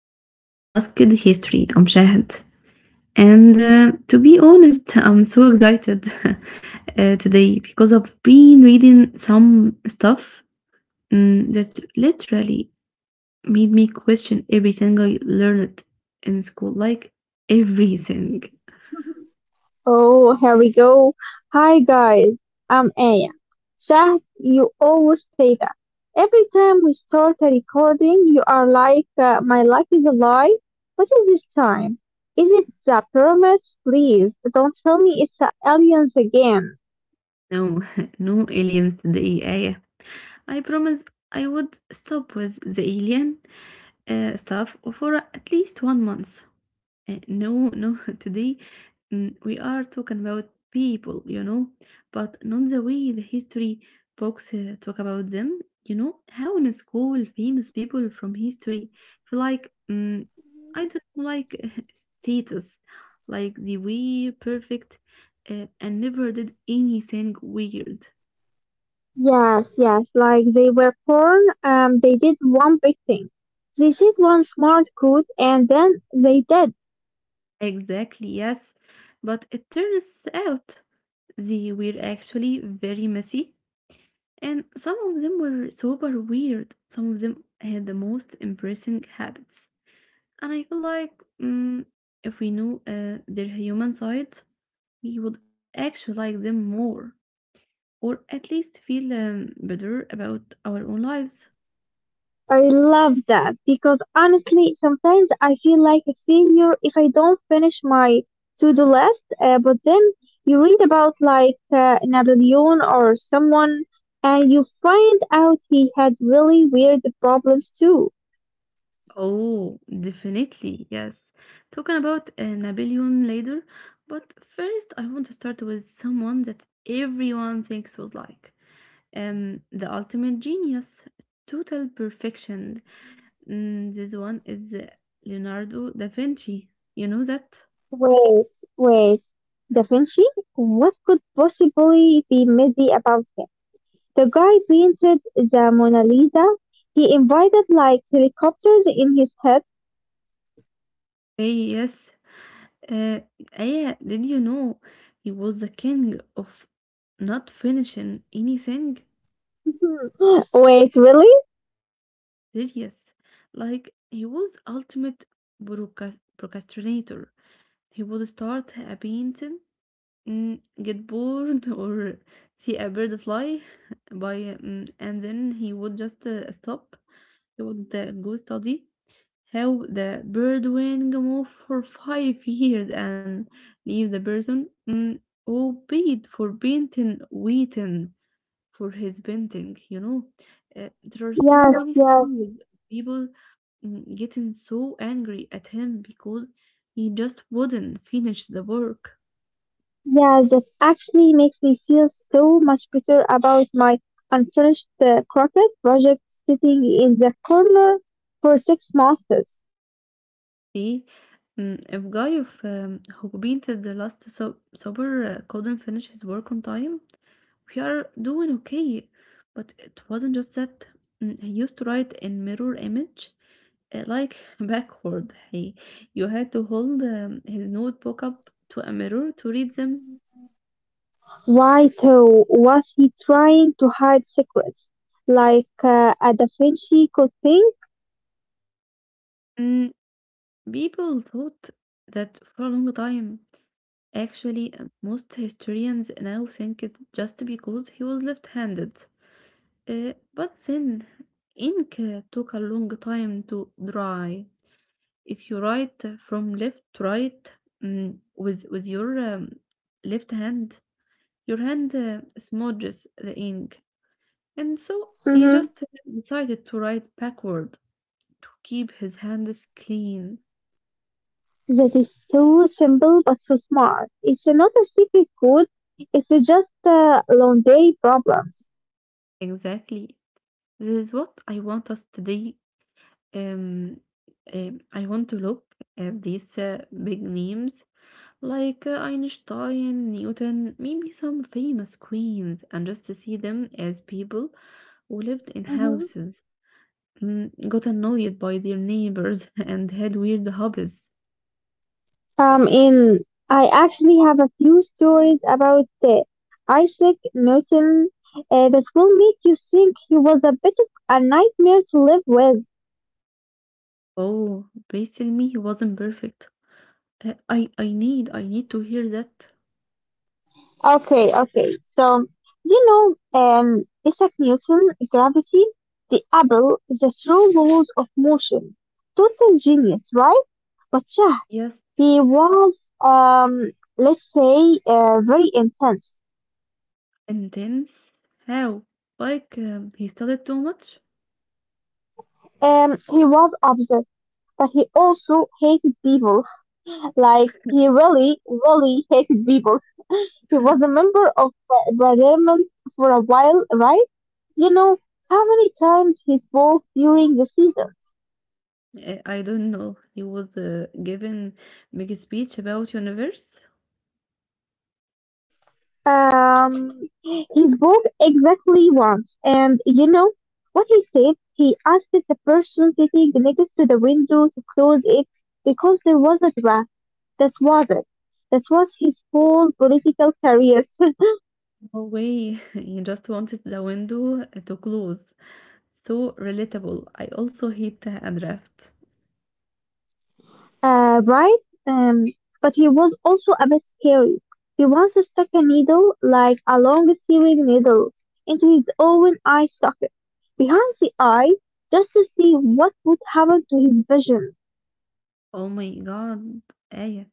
is Unmasked History. I'm Shahid. And to be honest, I'm so excited today because I've been reading some stuff that literally made me question everything I learned in school. Like everything. Oh, here we go. Hi guys, I'm Aya. Shah, you always say that. Every time we start a recording, you are like, my life is a lie. What is this time? Is it the pyramids? Please, don't tell me it's the aliens again. No, no aliens today, Aya. I promise I would stop with the alien stuff for at least 1 month. No, today we are talking about people, you know, but not the way the history books talk about them. You know, how in school famous people from history feel like, I don't know, like status, like they were perfect and never did anything weird. Yes, yes, like they were born, they did one big thing. They said one smart code and then they did. Exactly, yes, but it turns out they were actually very messy. And some of them were super weird. Some of them had the most impressive habits. And I feel like mm, if we knew their human side, we would actually like them more, or at least feel better about our own lives. I love that because honestly, sometimes I feel like a failure if I don't finish my to-do list. But then you read about like Napoleon or someone, and you find out he had really weird problems too. Oh, definitely, yes. Talking about Napoleon later, but first I want to start with someone that everyone thinks was like the ultimate genius, total perfection. This one is Leonardo da Vinci. You know that? Wait, wait, Da Vinci? What could possibly be messy about him? The guy painted the Mona Lisa. He invited like helicopters in his head. Hey, yes. Uh, Aya, did you know he was the king of not finishing anything? Wait, really? Serious. Like, he was ultimate procrastinator. He would start a painting, get bored, or see a bird fly by, and then he would just stop. He would go study how the bird wing move for five years and leave the person who paid for painting waiting for his painting, there are so Yes, many yes, stories of people getting so angry at him because he just wouldn't finish the work. yes. That actually makes me feel so much better about my unfinished croquet project sitting in the corner for 6 months. Okay. If guy of, who painted the last supper couldn't finish his work on time, we are doing okay. But it wasn't just that. He used to write in mirror image, like backward. You had to hold his notebook up to a mirror to read them. Why, though, was he trying to hide secrets like a Da Vinci Code thing? Mm, people thought that for a long time. Actually, most historians now think it just because he was left-handed. But then ink took a long time to dry. If you write from left to right with your left hand, your hand smudges the ink, and so he Mm-hmm. just decided to write backward to keep his hands clean. That is so simple but so smart. It's not a secret code. It's just laundry problems. Exactly, this is what I want us to do. Um, I want to look at these big names like Einstein, Newton, maybe some famous queens, and just to see them as people who lived in houses, got annoyed by their neighbors, and had weird hobbies. In I actually have a few stories about Isaac Newton that will make you think he was a bit of a nightmare to live with. Oh, basically, me he wasn't perfect. Uh, I need to hear that. Okay, okay. So, you know, Isaac Newton, gravity, the apple, the slow laws of motion. Total genius, right? But yeah, Yes, he was, um, let's say, very intense. intense. How? Like he studied too much? He was obsessed, but he also hated people. Like, he really, really hated people. He was a member of Parliament for a while, right? You know how many times he spoke during the season? I don't know. He was given big speech about universe. Um, he spoke exactly once. And you know what he said? He asked the person sitting next to the window to close it because there was a draft. That was it. That was his whole political career. No way. You just wanted the window to close. So relatable. I also hate a draft. Right? Um, but he was also a bit scary. He once stuck a needle, like a long sewing needle, into his own eye socket, behind the eye, just to see what would happen to his vision. Oh my God. Aya,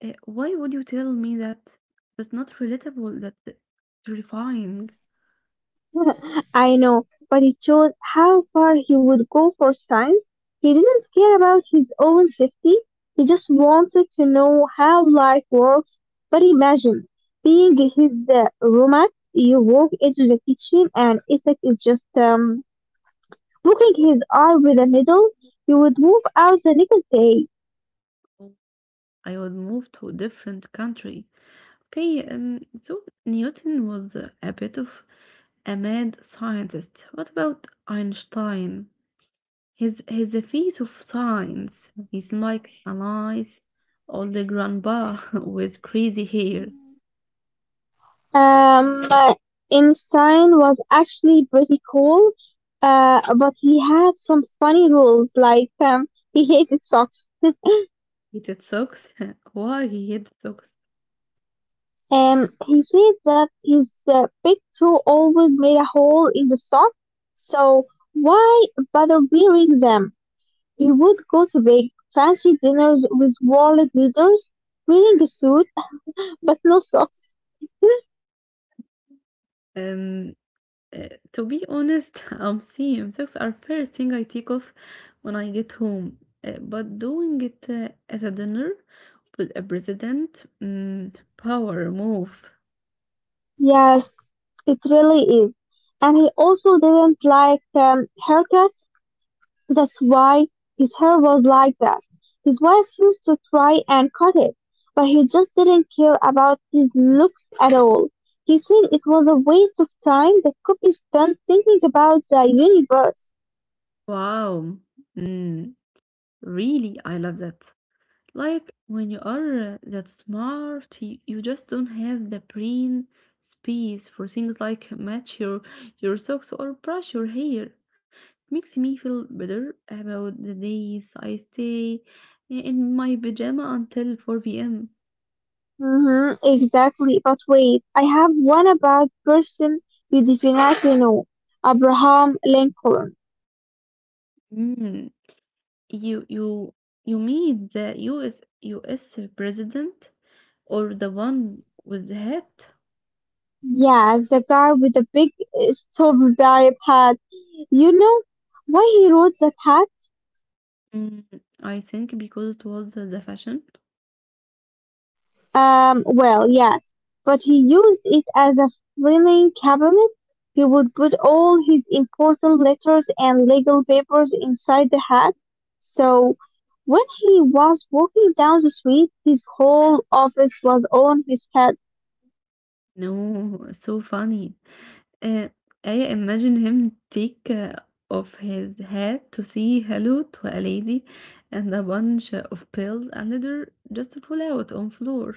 why would you tell me that? That's not relatable. That's terrifying. I know, but he chose how far he would go for science. He didn't care about his own safety. He just wanted to know how life works. But imagine being his roommate. You walk into the kitchen and Isaac is just poking his eye with a needle. You would move out the next day. Oh, I would move to a different country. Okay, so Newton was a bit of a mad scientist. What about Einstein? His face of science is like a nice, old grandpa with crazy hair. Um, uh, Einstein was actually pretty cool, but he had some funny rules like he hated socks. Hated socks. Why he hated socks? He said that his big toe always made a hole in the sock, so why bother wearing them? He would go to big fancy dinners with world leaders, wearing a suit but no socks. Um, to be honest, I'm seeing socks are first thing I take off when I get home. But doing it at a dinner with a president, power move. Yes, it really is. And he also didn't like haircuts. That's why his hair was like that. His wife used to try and cut it, but he just didn't care about his looks at all. He said it was a waste of time that could be spent thinking about the universe. Wow. Mm, really, I love that. Like when you are that smart, you just don't have the brain space for things like match your socks or brush your hair. Makes me feel better about the days I stay in my pajama until 4 p.m. Hmm, exactly. But wait, I have one about person you definitely know. Abraham Lincoln. Mm, you you you mean the U.S. President or the one with the hat? Yeah, the guy with the big stove hat. You know why he wrote that hat? Mm, I think because it was the fashion. Well, yes, but he used it as a filing cabinet. He would put all his important letters and legal papers inside the hat. So when he was walking down the street, his whole office was on his head. No, so funny. Uh, I imagine him take off his hat to say hello to a lady and a bunch of pills and leather just fall out on floor.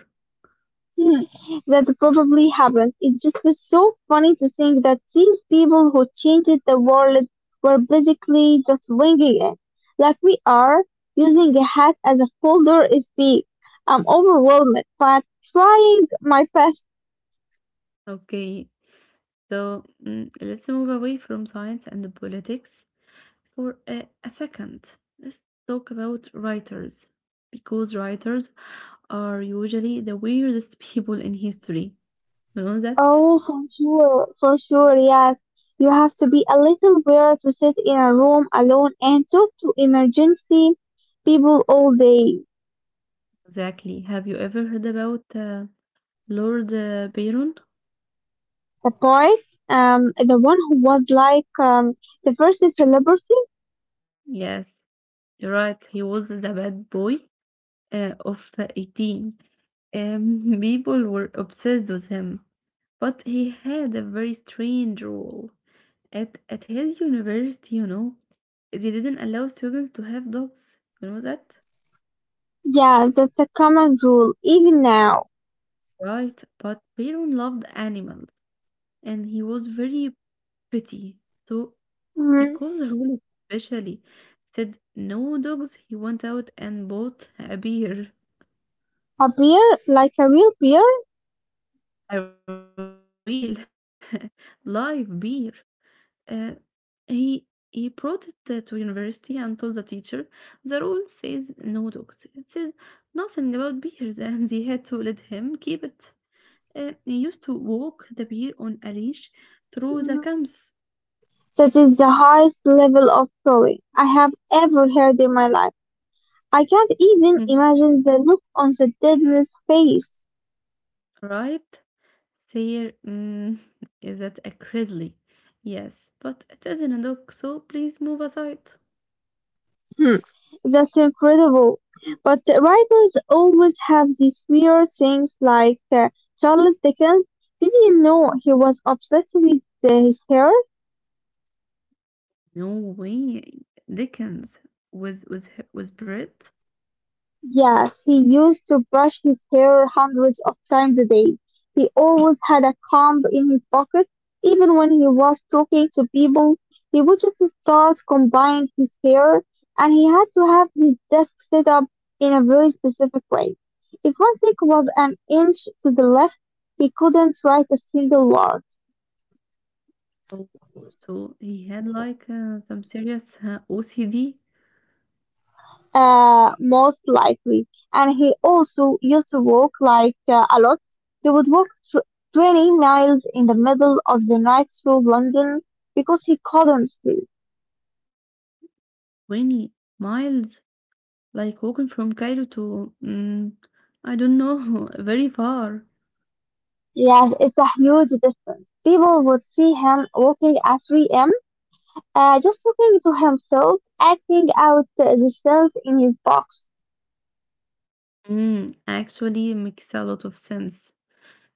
Hmm, that probably happens. It just is so funny to think that these people who changed the world were basically just winging it. Like we are, using a hat as a folder is big. I'm overwhelmed, but trying my best. Okay, so let's move away from science and the politics for a second. Let's talk about writers, because writers are usually the weirdest people in history. You know that? Oh, for sure, yes. You have to be a little weird to sit in a room alone and talk to emergency people all day. Exactly. Have you ever heard about Lord Byron? The poet, the one who was like the first celebrity. Yes, you're right. He was the bad boy of 18. People were obsessed with him, but he had a very strange rule. At his university, you know, they didn't allow students to have dogs. You know that? Yeah, that's a common rule even now. Right, but Byron loved animals and he was very petty. So Mhm. because rule especially said no dogs, he went out and bought a beer, A beer, like a real beer. a real live beer. Uh, he he brought it to university and told the teacher, the rule says no dogs. It says nothing about beers, and they had to let him keep it. He used to walk the beer on a leash through the Mhm. camps, That is the highest level of throwing I have ever heard in my life. I can't even imagine the look on the deadness face. right? Fair is that a grizzly? Yes, but it isn't a dog, so please move aside. Hmm. That's incredible. But the writers always have these weird things like Charles Dickens. Did you know he was obsessed with his hair? No way. Dickens was was was Brit. Yes, he used to brush his hair hundreds of times a day. He always had a comb in his pocket. Even when he was talking to people, he would just start combing his hair, and he had to have his desk set up in a very specific way. If one stick was an inch to the left, he couldn't write a single word. So, so he had like some serious OCD. Most likely. And he also used to walk like a lot. He would walk tw- 20 miles in the middle of the night through London because he couldn't sleep. 20 miles, like walking from Cairo to I don't know, very far. Yes, it's a huge distance. People would see him walking at 3 a.m., just talking to himself, acting out the cells in his box. Actually makes a lot of sense.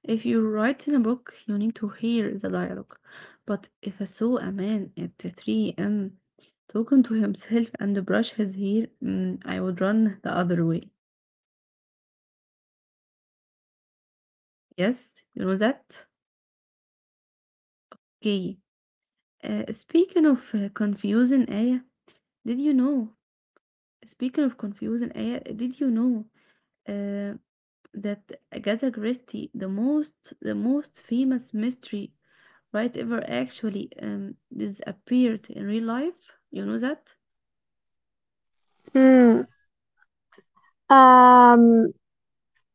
If you write in a book, you need to hear the dialogue. But if I saw a man at 3 a.m. talking to himself and brush his hair, I would run the other way. Yes, you know that? Okay. Speaking of confusing Aya, did you know? Speaking of confusing Aya, did you know uh, that Agatha Christie, the most famous mystery writer ever, actually disappeared in real life? You know that? Hmm. Um,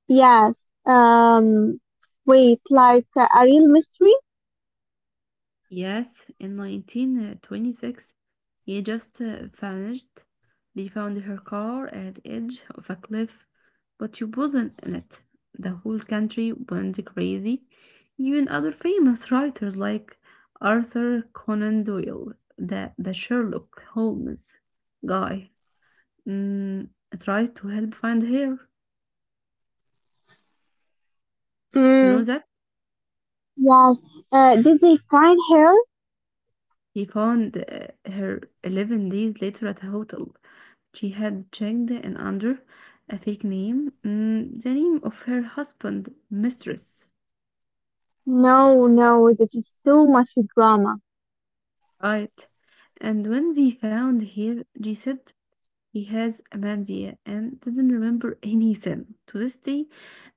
yes. Um, wait, like a real mystery? Yes, in 1926, he just vanished. They found her car at the edge of a cliff, but she wasn't in it. The whole country went crazy. Even other famous writers like Arthur Conan Doyle, the Sherlock Holmes guy, mm, tried to help find her. You know Hmm. that? Wow. Did they find her? He found her 11 days later at a hotel. She had checked and under a fake name, the name of her husband, Mistress, No, no, this is so much drama. right? And when they found her, they said he has amnesia and didn't remember anything. To this day,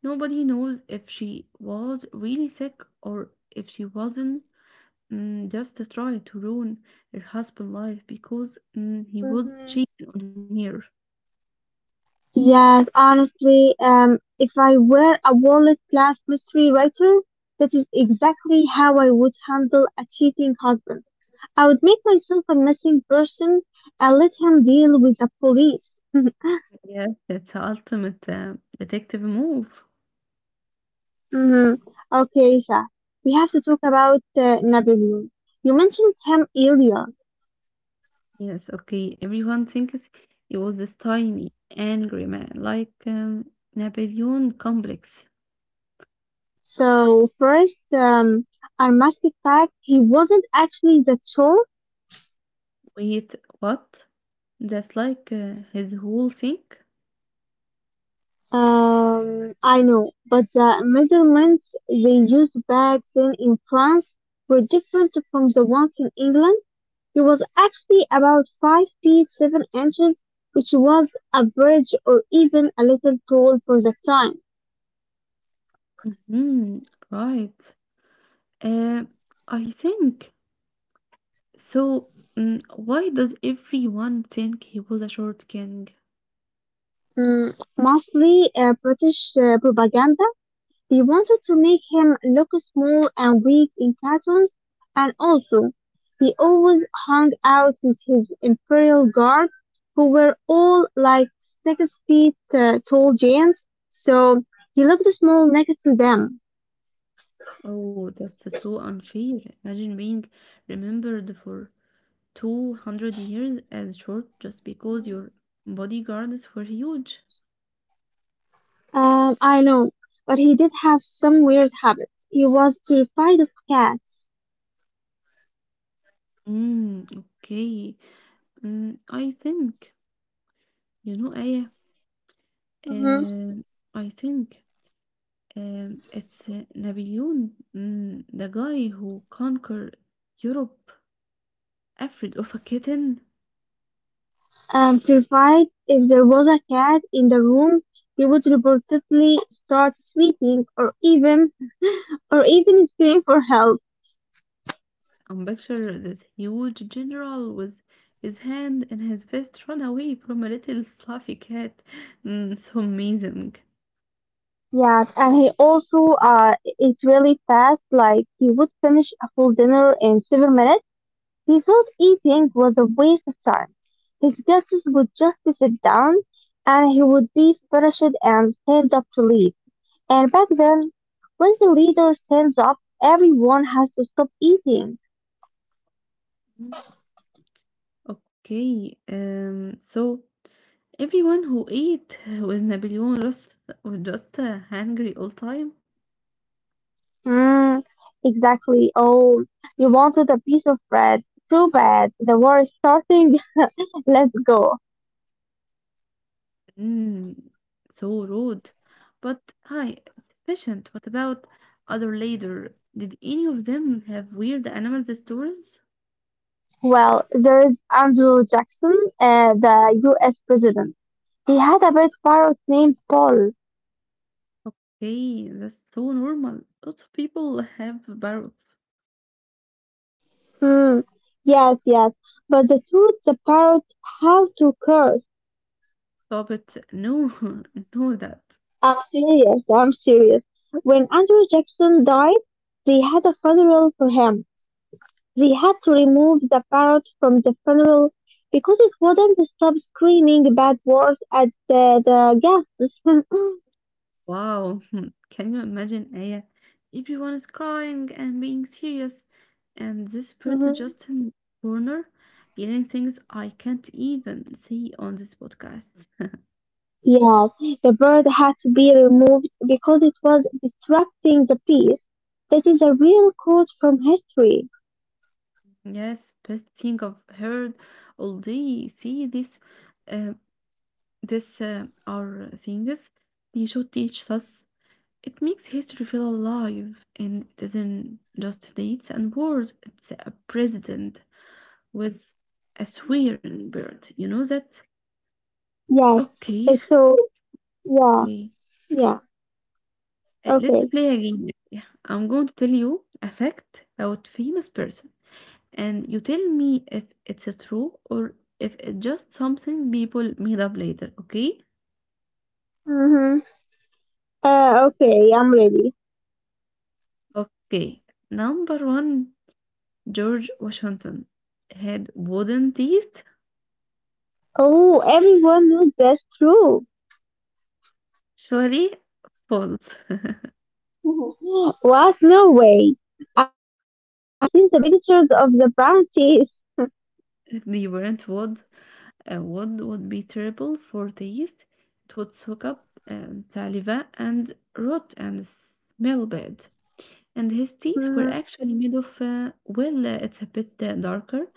nobody knows if she was really sick or if she wasn't just to try to ruin her husband's life because he was Mm-hmm. cheating on her. Yes, honestly, if I were a world-class mystery writer, that is exactly how I would handle a cheating husband. I would make myself a missing person and let him deal with the police. Yes, that's the ultimate detective move. Hmm. Okay, Isha, we have to talk about Napoleon. You mentioned him earlier. Yes, okay. Everyone thinks he was this tiny, angry man, like Napoleon complex. So first, I must fact he wasn't actually that tall. Wait, what? That's like his whole thing? I know, but the measurements they used back then in France were different from the ones in England. He was actually about 5 feet 7 inches, which was average or even a little tall for the time. hmm right. Uh, I think. So, why does everyone think he was a short king? Mm, mostly British propaganda. They wanted to make him look small and weak in cartoons, and also, he always hung out with his Imperial Guard, who were all like 6 feet tall giants, so he looked small next to them. Oh, that's so unfair. Imagine being remembered for 200 years as short just because your bodyguards were huge. I know, but he did have some weird habits. He was terrified of cats. Okay. I think, you know, Aya, Hmm. um, I think it's Napoleon, the guy who conquered Europe, afraid of a kitten. Terrified. If there was a cat in the room, he would reportedly start sweating or even scream for help. I'm picture this huge general with his hand in his vest run away from a little fluffy cat. So amazing. Yes, and he also is really fast. Like he would finish a full dinner in 7 minutes. He thought eating was a waste of time. His guests would just sit down, and he would be finished and stand up to leave. And back then, when the leader stands up, everyone has to stop eating. Mm, Okay, so everyone who ate with Napoleon was just hungry all time. Hmm. Exactly. Oh, you wanted a piece of bread. Too bad. The war is starting. Let's go. Mm, so rude, but hi, efficient. What about other later? Did any of them have weird animal stories? Well, there is Andrew Jackson, the US president. He had a pet parrot named Paul. Okay, that's so normal. Lots of people have parrots. Hmm. Yes, yes. But the truth, the parrot had to curse. Stop it. No, no, that. I'm serious, I'm serious. When Andrew Jackson died, they had a funeral for him. They had to remove the parrot from the funeral because it wouldn't stop screaming bad words at the guests. Wow, can you imagine, Aya? Everyone is crying and being serious, and this bird is Mhm. just in the corner, yelling things I can't even see on this podcast. Yes, the bird had to be removed because it was disrupting the peace. That is a real quote from history. Yes, best thing I've heard already. See, this, uh, are things they should teach us. It makes history feel alive, and it isn't just dates and words. It's a president with a swearing bird. You know that? Yes. Okay, uh, So yeah, le- yeah. Let's Okay. play again. Yeah, I'm going to tell you a fact about famous person. And you tell me if it's true or if it's just something people made up later, okay? Mm-hmm. Okay, I'm ready. Okay, number one, George Washington had wooden teeth. Oh, everyone knows that's true. Surely false. Mhm. What? No way. I have seen the pictures of the brown teeth. They weren't wood. Wood would be terrible for teeth. It would soak up saliva and rot and smell bad. And his teeth were Mm. actually made of, it's a bit darker.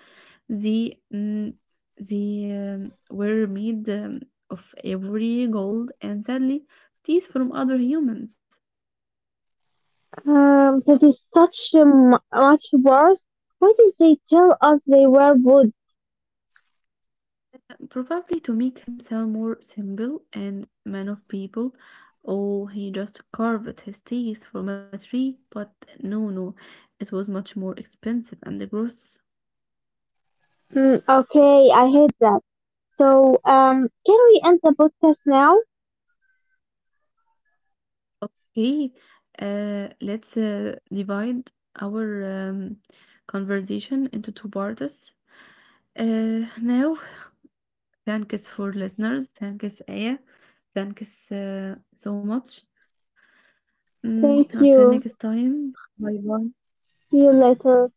The mm, the Were made of ivory, gold, and sadly, teeth from other humans, That is such a much worse. What did they tell us they were wood? probably to make him sound more simple and man of people. Oh, he just carved his teeth from a tree, but no, no, it was much more expensive and gross. Mm, okay, I hate that. So, can we end the podcast now? Okay, let's divide our conversation into two parts. Uh, now Thanks for listeners. Thanks, Aya. Thanks so much. Until Thank next you. time. Bye bye. See you later.